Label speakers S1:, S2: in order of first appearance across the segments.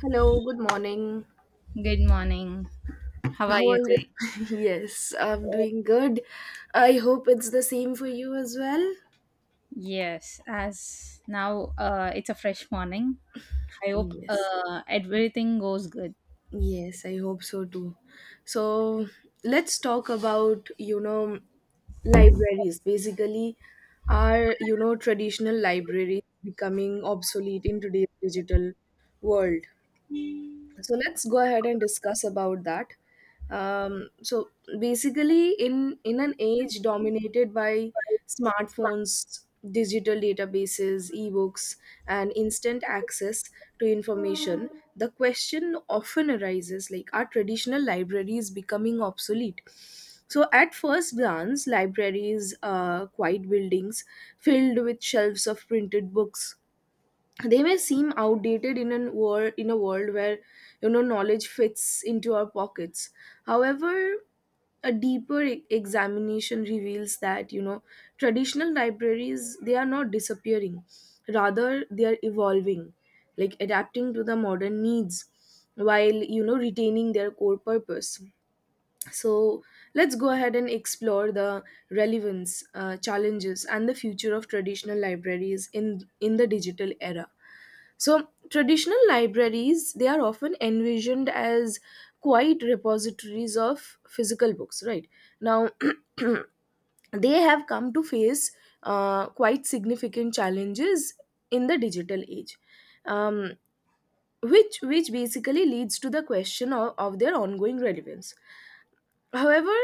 S1: Hello, good morning.
S2: Good morning. How are
S1: How are
S2: you
S1: you?
S2: Good. Today?
S1: Yes, I'm doing good. I hope it's the same for you as well.
S2: Yes, as now it's a fresh morning. I hope
S1: Yes,
S2: everything goes good.
S1: yes, I hope so too. So let's talk about, libraries. Basically, are, traditional libraries becoming obsolete in today's digital world? So let's go ahead and discuss about that. So basically in an age dominated by smartphones, digital databases, ebooks, and instant access to information, the question often arises, like, are traditional libraries becoming obsolete? So at first glance, libraries are quiet buildings filled with shelves of printed books. They may seem outdated in an world in a world where, you know, knowledge fits into our pockets. However, a deeper examination reveals that, you know, traditional libraries, they are not disappearing, rather they are evolving, like adapting to the modern needs, while, you know, retaining their core purpose. So let's go ahead and explore the relevance, challenges, and the future of traditional libraries in the digital era. So traditional libraries, they are often envisioned as quiet repositories of physical books, right? Now they have come to face quite significant challenges in the digital age, um, which basically leads to the question of their ongoing relevance. However,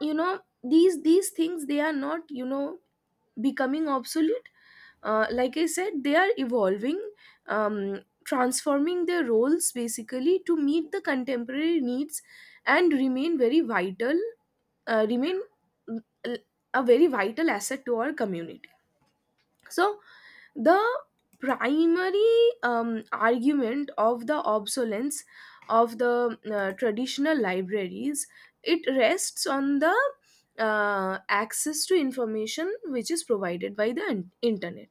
S1: you know, these things, they are not, you know, becoming obsolete. Like I said, they are evolving, transforming their roles basically to meet the contemporary needs and remain very vital. uh, remain mm, a very vital asset to our community. So the primary argument of the obsolescence of the traditional libraries, it rests on the access to information, which is provided by the internet.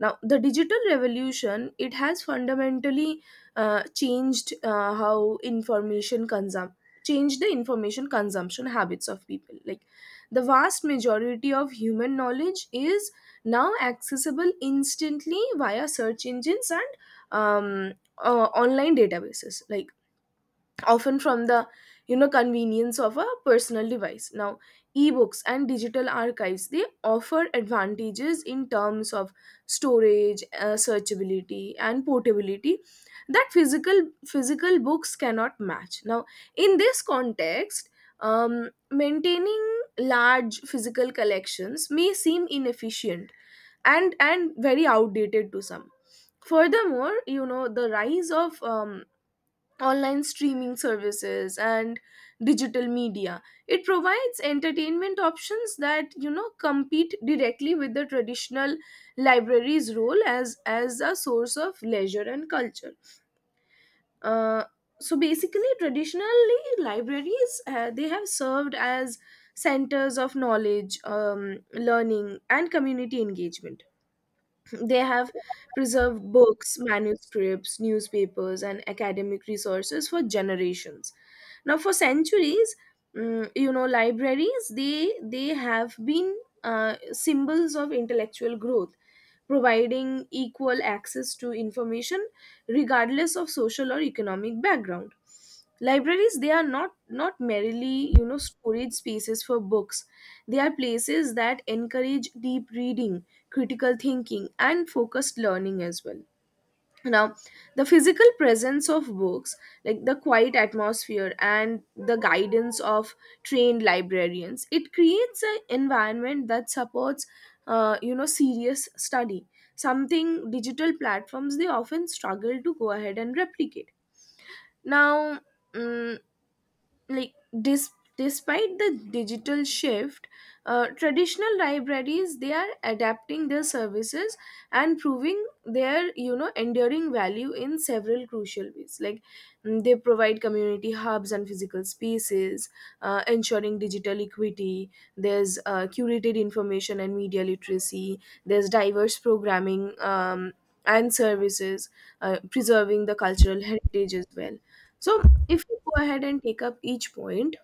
S1: Now the digital revolution, it has fundamentally changed how information consum changed the information consumption habits of people. Like, the vast majority of human knowledge is now accessible instantly via search engines and, um, online databases, like, often from the, you know, convenience of a personal device. Now, ebooks and digital archives, they offer advantages in terms of storage, searchability, and portability that physical books cannot match. Now, in this context, maintaining large physical collections may seem inefficient and very outdated to some. Furthermore, you know, the rise of online streaming services and digital media, it provides entertainment options that, you know, compete directly with the traditional library's role as a source of leisure and culture. uh, so basically, traditionally libraries, they have served as centers of knowledge, learning, and community engagement. They have preserved books, manuscripts, newspapers, and academic resources for generations. Now, for centuries, you know, libraries, they have been, symbols of intellectual growth, providing equal access to information regardless of social or economic background. Libraries, they are not merely, you know, storage spaces for books. They are places that encourage deep reading, critical thinking, and focused learning as well. Now, the physical presence of books, like the quiet atmosphere and the guidance of trained librarians, it creates an environment that supports, you know, serious study, something digital platforms, they often struggle to go ahead and replicate. Now, mm, like dis- despite the digital shift, traditional libraries, they are adapting their services and proving their, you know, enduring value in several crucial ways. Like, they provide community hubs and physical spaces, ensuring digital equity. There's curated information and media literacy. There's diverse programming, and services, preserving the cultural heritage as well. So, if you go ahead and take up each point,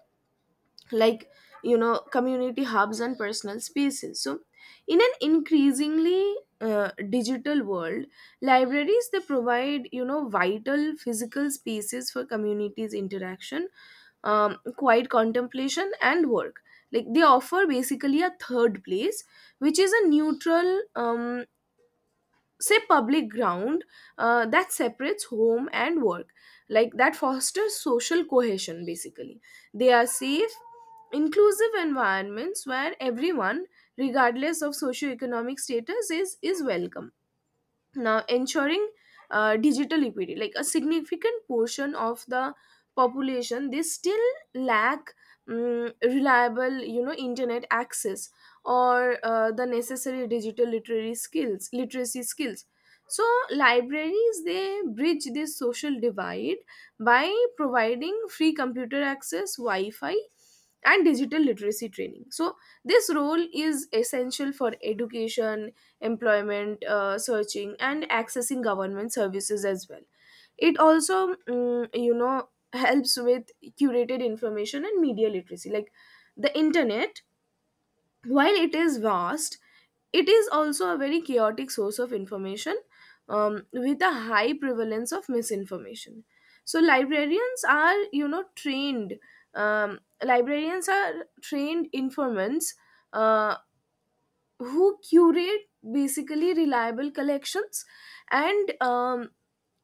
S1: like, you know, community hubs and personal spaces. So, in an increasingly digital world, libraries, they provide, you know, vital physical spaces for communities' interaction, quiet contemplation, and work. Like, they offer basically a third place, which is a neutral, say, public ground that separates home and work, like, that fosters social cohesion basically. They are safe, inclusive environments where everyone, regardless of socioeconomic status, is welcome. Now, ensuring digital equity, like, a significant portion of the population, they still lack, reliable, you know, internet access or the necessary literacy skills. So, libraries, they bridge this social divide by providing free computer access, Wi-Fi, and digital literacy training. So, this role is essential for education, employment, searching, and accessing government services as well. It also, you know, helps with curated information and media literacy. Like, the internet, while it is vast, it is also a very chaotic source of information, with a high prevalence of misinformation. So librarians are trained informants, uh, who curate basically reliable collections and,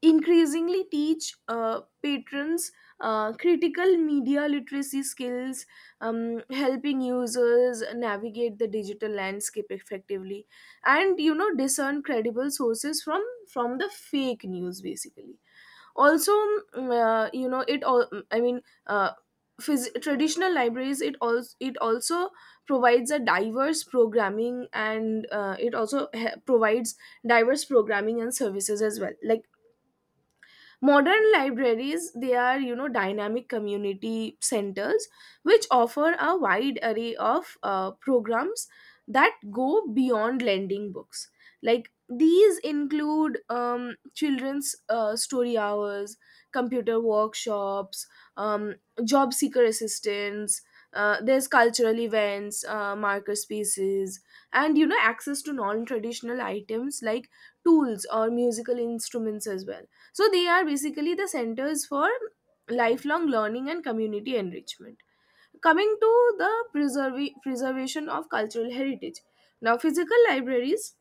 S1: increasingly teach, patrons critical media literacy skills, helping users navigate the digital landscape effectively and, you know, discern credible sources from the fake news basically. Also, mm, you know it all I mean phys- traditional libraries, it also provides a diverse programming and it also he- provides diverse programming and services as well. Like, modern libraries, they are, you know, dynamic community centers which offer a wide array of programs that go beyond lending books. Like, these include, children's story hours, computer workshops, um, job seeker assistance, there's cultural events, marker spaces, and, you know, access to non-traditional items like tools or musical instruments as well. So they are basically the centers for lifelong learning and community enrichment. Coming to the preservation of cultural heritage. Now, physical libraries,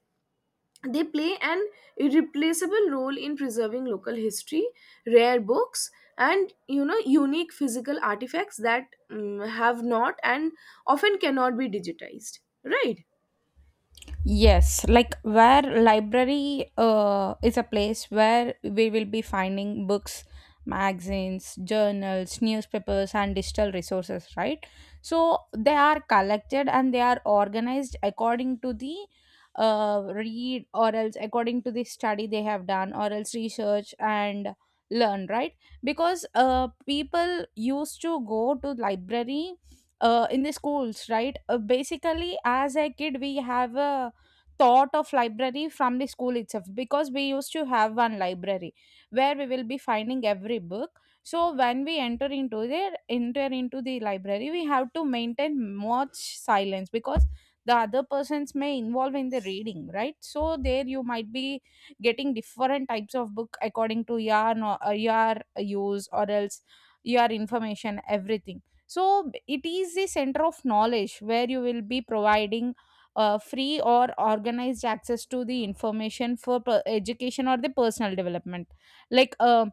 S1: they play an irreplaceable role in preserving local history, rare books, and, you know, unique physical artifacts that, have not and often cannot be digitized. Right?
S2: Yes, like where library is a place where we will be finding books, magazines, journals, newspapers, and digital resources, right? So they are collected and they are organized according to the read or else according to the study they have done or else research and learn, right? Because people used to go to library in the schools, right? Basically, as a kid, we have a thought of library from the school itself, because we used to have one library where we will be finding every book. So when we enter into the library, we have to maintain much silence because the other persons may involve in the reading, right? So there you might be getting different types of book according to your your use or else your information, everything. So it is the center of knowledge where you will be providing free or organized access to the information for education or the personal development, like um,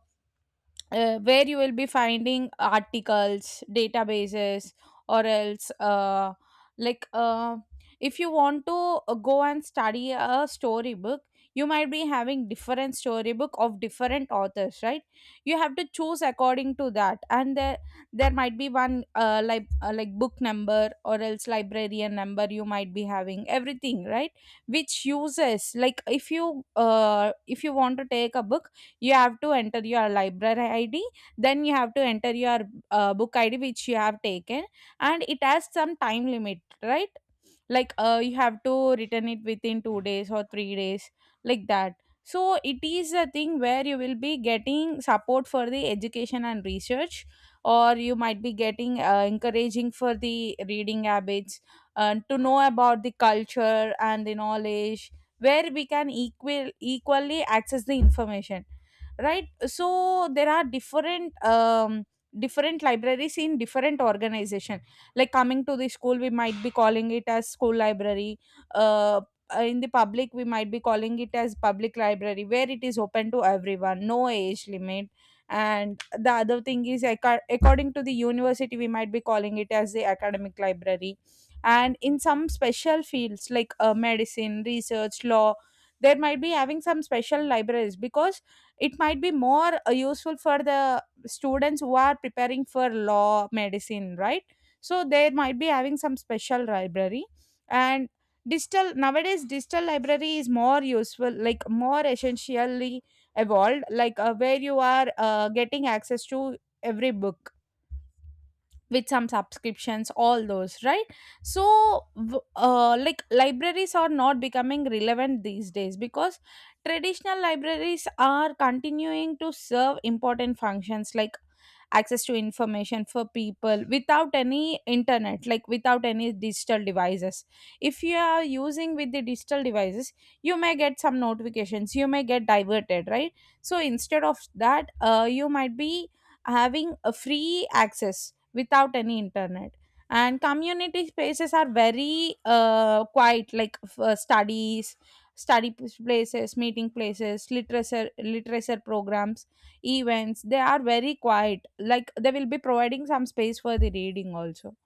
S2: uh, where you will be finding articles, databases, or else like uh, if you want to go and study a storybook, you might be having different storybook of different authors, right? You have to choose according to that, and there might be one like book number or else librarian number, you might be having everything, right? Which uses, like if you want to take a book, you have to enter your library id, then you have to enter your book id which you have taken, and it has some time limit, right? Like you have to return it within 2 days or 3 days, like that. So it is a thing where you will be getting support for the education and research, or you might be getting encouraging for the reading habits, to know about the culture and the knowledge, where we can equally access the information, right? So there are different different libraries in different organization. Like coming to the school, we might be calling it as school library. uh, in the public, we might be calling it as public library, where it is open to everyone, no age limit. And the other thing is, according to the university, we might be calling it as the academic library. And in some special fields like medicine, research, law, there might be having some special libraries, because it might be more useful for the students who are preparing for law, medicine, right? So they might be having some special library. And digital, nowadays digital library is more useful, like more essentially evolved, like where you are getting access to every book with some subscriptions, all those, right? So like libraries are not becoming relevant these days, because traditional libraries are continuing to serve important functions, like access to information for people without any internet, like without any digital devices. If you are using with the digital devices, you may get some notifications, you may get diverted, right? So instead of that, you might be having a free access without any internet. And community spaces are very quiet, like f- studies study places, meeting places, literature programs, events, they are very quiet, like they will be providing some space for the reading. Also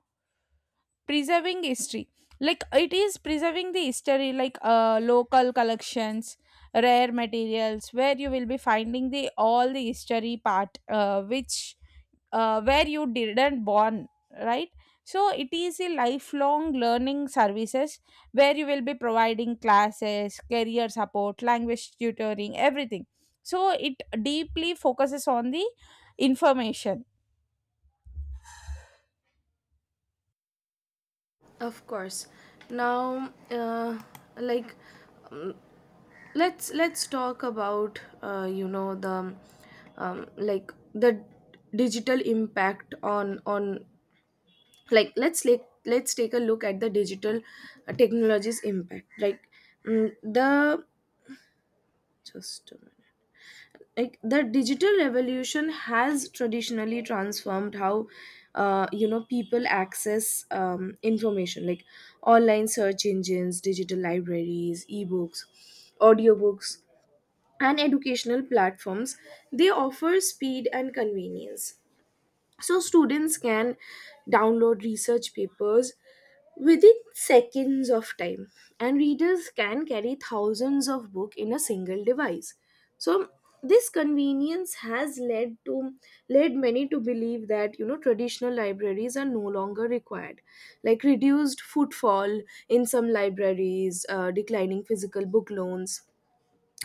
S2: preserving history, like it is preserving the history, like local collections, rare materials, where you will be finding the all the history part which where you didn't born, right? So it is a lifelong learning services, where you will be providing classes, career support, language tutoring, everything. So it deeply focuses on the information.
S1: Of course. Now, like, let's talk about, you know, the, um, like the digital impact on let's take a look at the digital technologies impact. Like, mm, the just a minute. Like the digital revolution has traditionally transformed how, you know, people access, information. Like, online search engines, digital libraries, ebooks, audiobooks, and educational platforms, they offer speed and convenience. So students can download research papers within seconds of time, and readers can carry thousands of books in a single device. So this convenience has led many to believe that, you know, traditional libraries are no longer required. Like, reduced footfall in some libraries, declining physical book loans,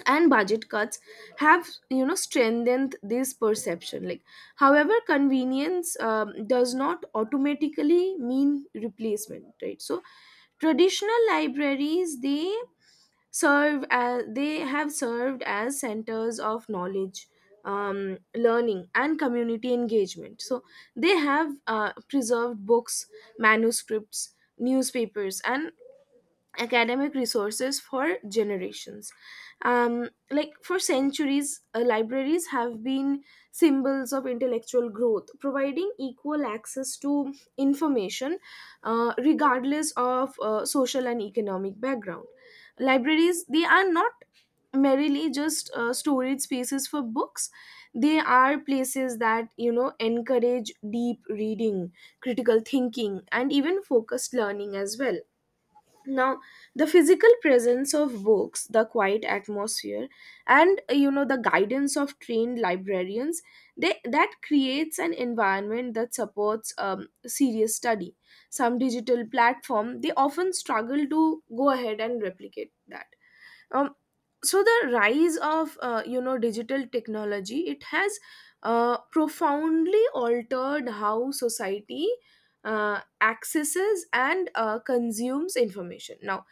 S1: and budget cuts have, you know, strengthened this perception. Like, however, convenience, does not automatically mean replacement, right? So traditional libraries, they serve as they have served as centers of knowledge, learning, and community engagement. So they have, preserved books, manuscripts, newspapers, and academic resources for generations. Like, for centuries, libraries have been symbols of intellectual growth, providing equal access to information, regardless of social and economic background. Libraries, they are not merely just storage spaces for books. They are places that, you know, encourage deep reading, critical thinking, and even focused learning as well. Now, the physical presence of books, the quiet atmosphere, and, you know, the guidance of trained librarians, they that creates an environment that supports, serious study. Some digital platform, they often struggle to go ahead and replicate that. um so the rise of, you know, digital technology, it has profoundly altered how society accesses and, consumes information now,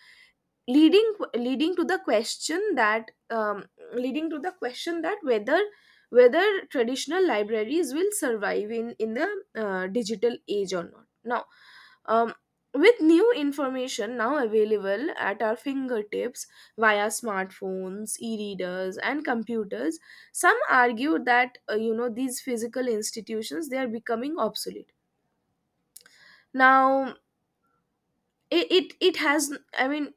S1: leading to the question that whether traditional libraries will survive in the digital age or not. Now, um, with new information now available at our fingertips via smartphones, e-readers, and computers, some argue that, you know, these physical institutions, they are becoming obsolete. Now, it has. I mean,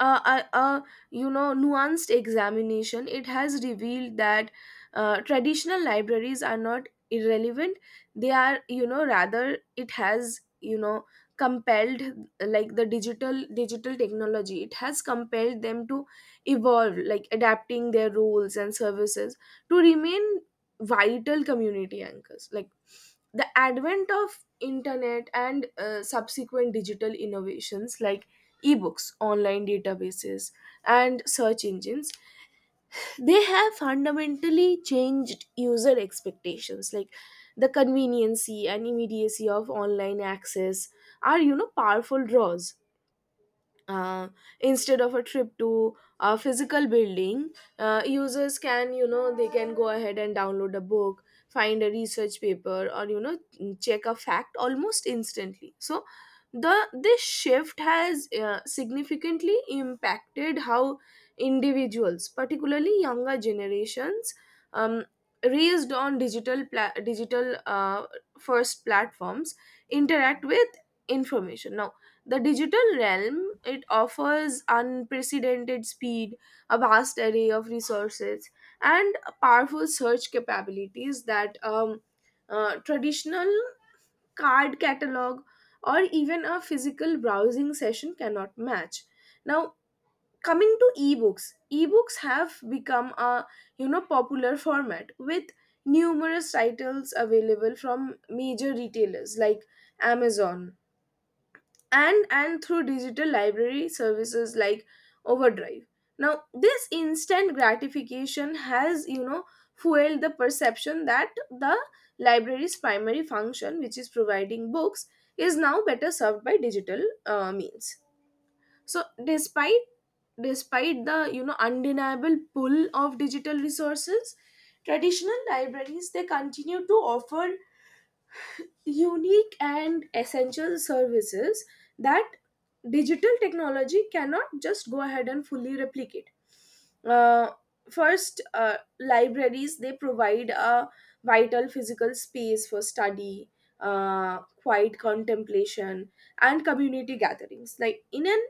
S1: uh, uh, uh, you know, nuanced examination, it has revealed that, traditional libraries are not irrelevant. They are, you know, rather, it has, you know, compelled, like, the digital technology, it has compelled them to evolve, like adapting their roles and services to remain vital community anchors. Like, the advent of internet and, subsequent digital innovations like ebooks, online databases, and search engines, they have fundamentally changed user expectations. Like, the conveniency and immediacy of online access are, you know, powerful draws. uh, Instead of a trip to a physical building, users can, you know, they can go ahead and download a book, find a research paper, or, you know, check a fact almost instantly. So the, this shift has, significantly impacted how individuals, particularly younger generations, um, raised on digital first platforms, interact with information. Now, the digital realm, it offers unprecedented speed, a vast array of resources, and powerful search capabilities that, traditional card catalog or even a physical browsing session cannot match. Now, coming to ebooks, ebooks have become a popular format with numerous titles available from major retailers like Amazon and through digital library services like overdrive. Now this instant gratification has fueled the perception that the library's primary function, which is providing books, is now better served by digital means. So despite the undeniable pull of digital resources, traditional libraries they continue to offer unique and essential services that digital technology cannot just go ahead and fully replicate. Uh, first, libraries they provide a vital physical space for study, quiet contemplation, and community gatherings. Like in an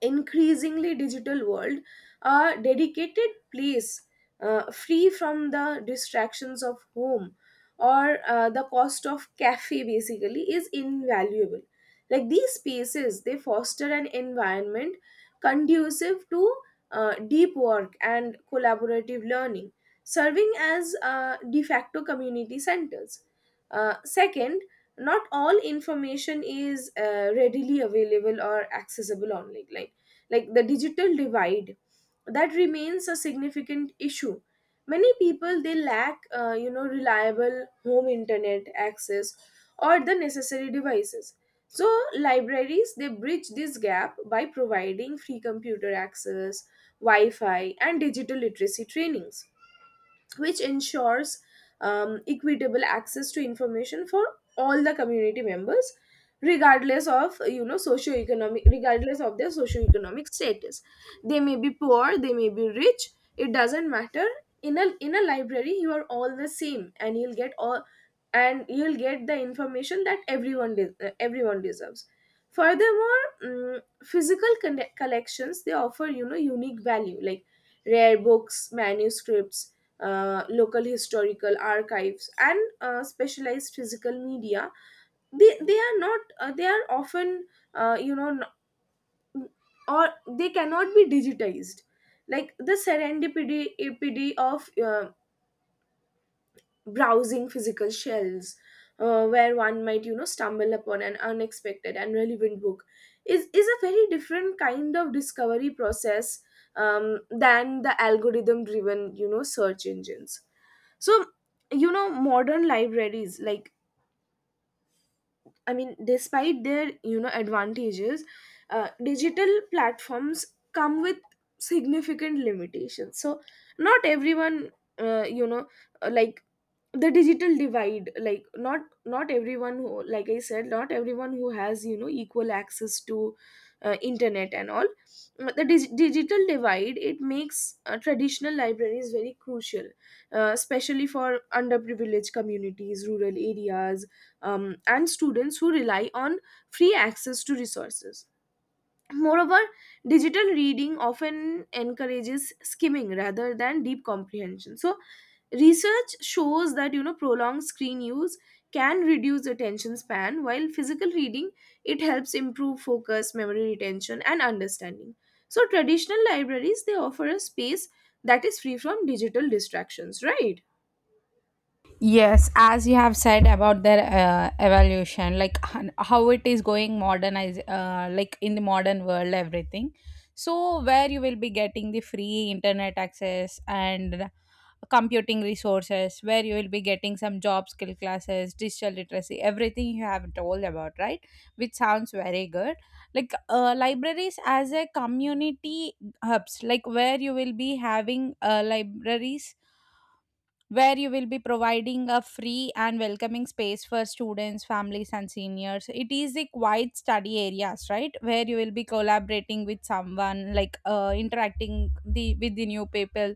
S1: increasingly digital world, a dedicated place free from the distractions of home or the cost of cafe basically is invaluable. Like these spaces they foster an environment conducive to deep work and collaborative learning, serving as de facto community centers. Second, not all information is readily available or accessible online. Like the digital divide that remains a significant issue. Many people they lack reliable home internet access or the necessary devices. So libraries they bridge this gap by providing free computer access, wi-fi and digital literacy trainings, which ensures equitable access to information for all the community members, regardless of their socioeconomic status. They may be poor, they may be rich, it doesn't matter. In a library you are all the same, and you'll get the information that everyone everyone deserves. Furthermore, physical collections they offer unique value, like rare books, manuscripts, local historical archives, and specialized physical media. They they are not uh, they are often, you know n- or they cannot be digitized. Like the serendipity epity of browsing physical shelves, where one might stumble upon an unexpected and relevant book, is a very different kind of discovery process, than the algorithm driven search engines. So, modern libraries, like despite their advantages, digital platforms come with significant limitations. So not everyone, uh, you know uh, like the digital divide, like not everyone who, like I said, not everyone who has equal access to internet and all. The digital divide it makes traditional libraries very crucial, especially for underprivileged communities, rural areas, and students who rely on free access to resources. Moreover, digital reading often encourages skimming rather than deep comprehension. So, research shows that prolonged screen use can reduce attention span, while physical reading it helps improve focus, memory retention, and understanding. So, traditional libraries they offer a space that is free from digital distractions, right?
S2: Yes, as you have said about their evolution, like how it is going modernize, like in the modern world, everything. So where you will be getting the free internet access and computing resources, where you will be getting some job skill classes, digital literacy, everything you have told about, right? Which sounds very good. Like libraries as a community hubs, like where you will be having libraries, where you will be providing a free and welcoming space for students, families, and seniors. It is a quiet study areas, right, where you will be collaborating with someone, like interacting the with the new people,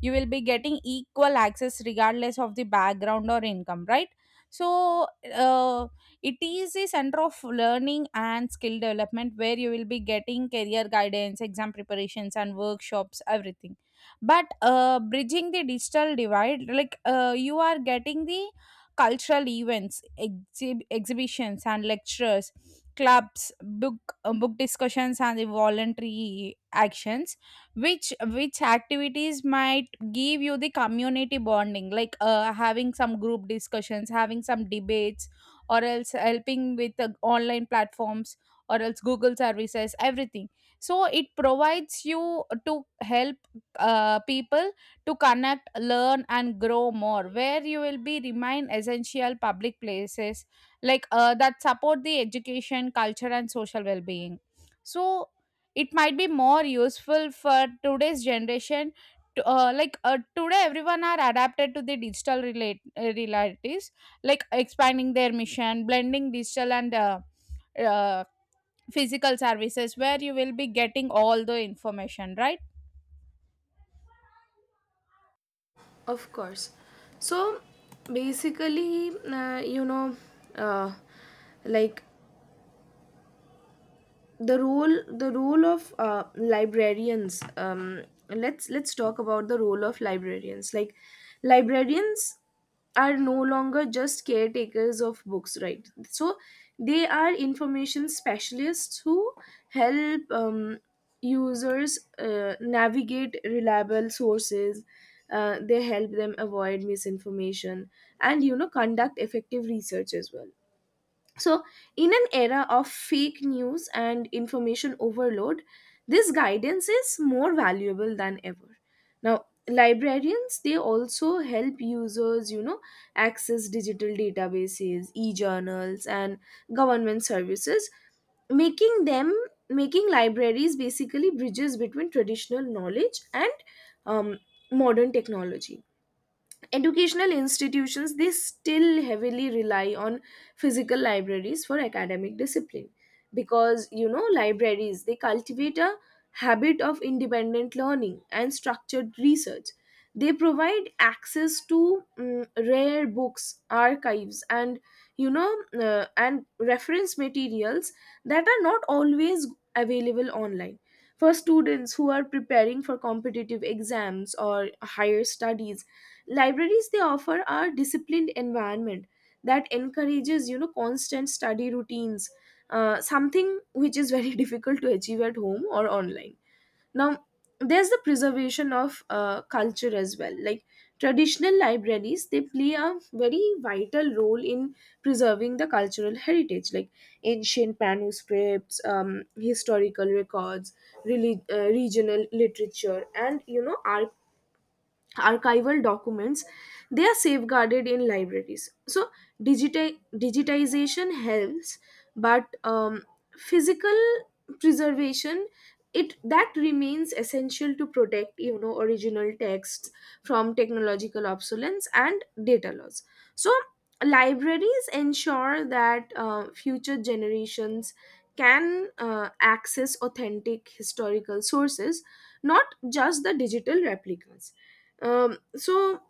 S2: you will be getting equal access regardless of the background or income, right? So uh, it is a center of learning and skill development, where you will be getting career guidance, exam preparations and workshops, everything. But bridging the digital divide, like you are getting the cultural events, exhibitions and lectures, clubs, book discussions and the voluntary actions, which activities might give you the community bonding, like having some group discussions, having some debates, or else helping with online platforms or else Google services, everything. So it provides you to help people to connect, learn and grow more, where you will be remain essential public places, like that support the education, culture and social well-being. So it might be more useful for today's generation to, today everyone are adapted to the digital realities, like expanding their mission, blending digital and uh, physical services, where you will be getting all the information, right?
S1: Of course. So basically, uh, like the role of librarians, let's talk about the role of librarians. Like librarians are no longer just caretakers of books, right? So they are information specialists who help users navigate reliable sources. They help them avoid misinformation and conduct effective research as well. So, in an era of fake news and information overload, this guidance is more valuable than ever. Now, librarians they also help users, access digital databases, e-journals and government services, making them making libraries basically bridges between traditional knowledge and um, modern technology. Educational institutions they still heavily rely on physical libraries for academic discipline, because libraries they cultivate a habit of independent learning and structured research. They provide access to rare books, archives and you know and reference materials that are not always available online. For students who are preparing for competitive exams or higher studies, libraries they offer are disciplined environment that encourages constant study routines, something which is very difficult to achieve at home or online. Now, there's the preservation of culture as well. Like traditional libraries they play a very vital role in preserving the cultural heritage, like ancient manuscripts, historical records, regional literature and archival documents, they are safeguarded in libraries. So digitization helps, but physical preservation it that remains essential to protect original texts from technological obsolescence and data loss. So libraries ensure that future generations can access authentic historical sources, not just the digital replicas. um so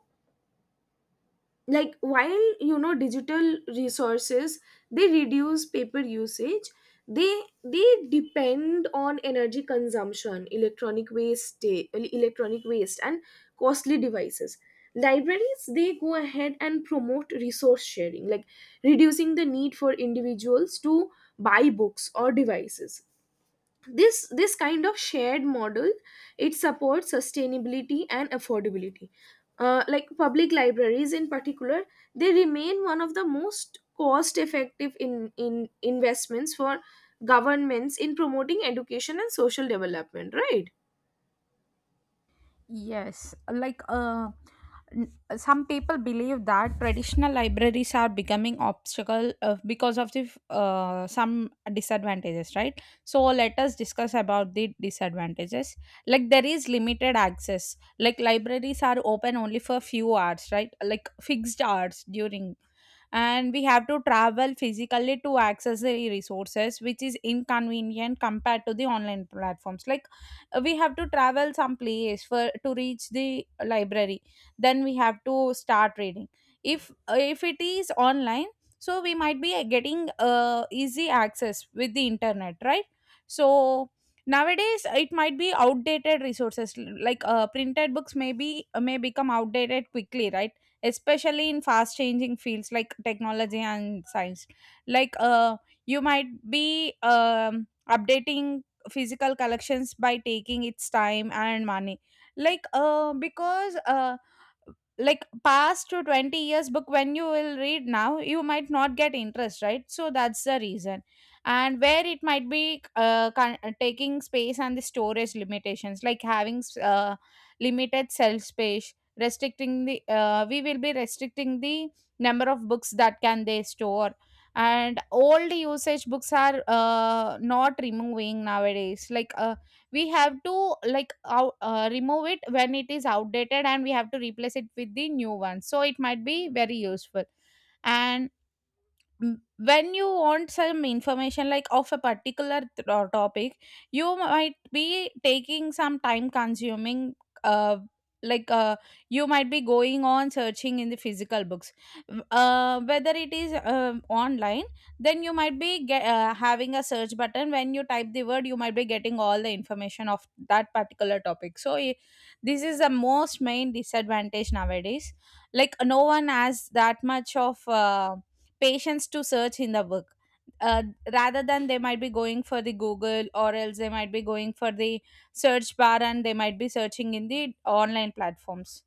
S1: like while digital resources they reduce paper usage, they depend on energy consumption, electronic waste, eh, electronic waste and costly devices. Libraries they go ahead and promote resource sharing, like reducing the need for individuals to buy books or devices. This kind of shared model it supports sustainability and affordability. Like public libraries in particular, they remain one of the most cost effective in investments for governments in promoting education and social development, right?
S2: Yes, like some people believe that traditional libraries are becoming obstacle, because of the some disadvantages, right? So let us discuss about the disadvantages. Like there is limited access. Like libraries are open only for few hours, right? Like fixed hours during, and we have to travel physically to access the resources, which is inconvenient compared to the online platforms. Like we have to travel some place for to reach the library, then we have to start reading. If it is online, so we might be getting easy access with the internet, right? So nowadays it might be outdated resources, like printed books may be may become outdated quickly, right? Especially in fast changing fields like technology and science, like you might be updating physical collections by taking its time and money, like because like past to 20 years book when you will read now, you might not get interest, right? So that's the reason. And where it might be taking space and the storage limitations, like having limited cell space, restricting the we will be restricting the number of books that can they store. And old usage books are not removing nowadays, like we have to like remove it when it is outdated, and we have to replace it with the new one, so it might be very useful. And when you want some information, like of a particular topic, you might be taking some time consuming, uh like uh, you might be going on searching in the physical books. Whether it is online, then you might be having a search button. When you type the word, you might be getting all the information of that particular topic. So this is the most main disadvantage nowadays, like no one has that much of patience to search in the book. uh, Rather than, they might be going for the Google, or else they might be going for the search bar, and they might be searching in the online platforms.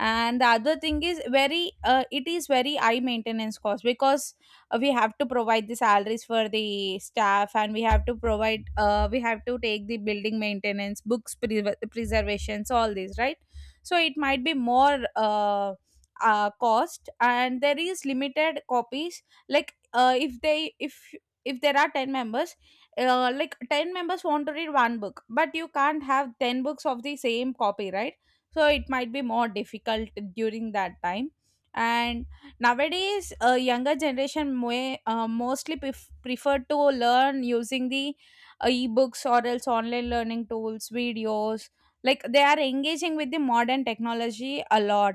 S2: And the other thing is very, it is very high maintenance cost, because we have to provide the salaries for the staff, and we have to provide we have to take the building maintenance, preservations, all these, right? So it might be more cost. And there is limited copies, like if they if there are 10 members, like 10 members want to read one book, but you can't have 10 books of the same copy, right? So it might be more difficult during that time. And nowadays younger generation may, mostly prefer to learn using the ebooks or else online learning tools, videos, like they are engaging with the modern technology a lot.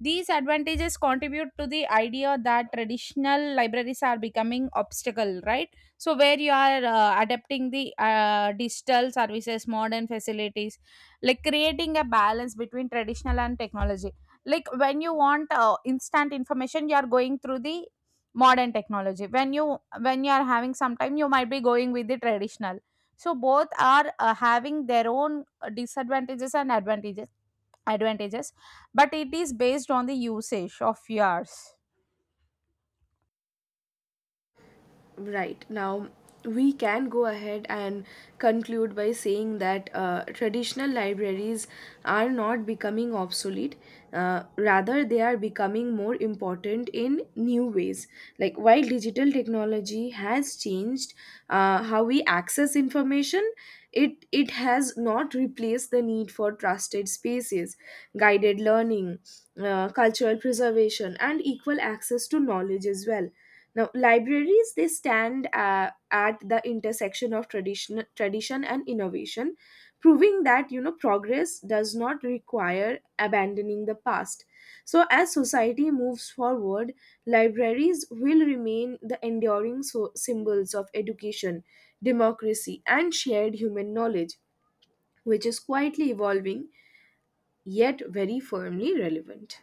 S2: These advantages contribute to the idea that traditional libraries are becoming obstacle, right? So where you are adapting the digital services, modern facilities, like creating a balance between traditional and technology. Like when you want instant information, you are going through the modern technology. When you are having some time, you might be going with the traditional. So both are having their own disadvantages and advantages, but it is based on the usage of yours.
S1: Right. Now, we can go ahead and conclude by saying that traditional libraries are not becoming obsolete. Rather, they are becoming more important in new ways. Like, while digital technology has changed how we access information, it has not replaced the need for trusted spaces, guided learning, cultural preservation, and equal access to knowledge as well. Now, libraries they stand at the intersection of tradition and innovation, proving that progress does not require abandoning the past. So, as society moves forward, libraries will remain the enduring symbols of education, democracy, and shared human knowledge, which is quietly evolving yet very firmly relevant.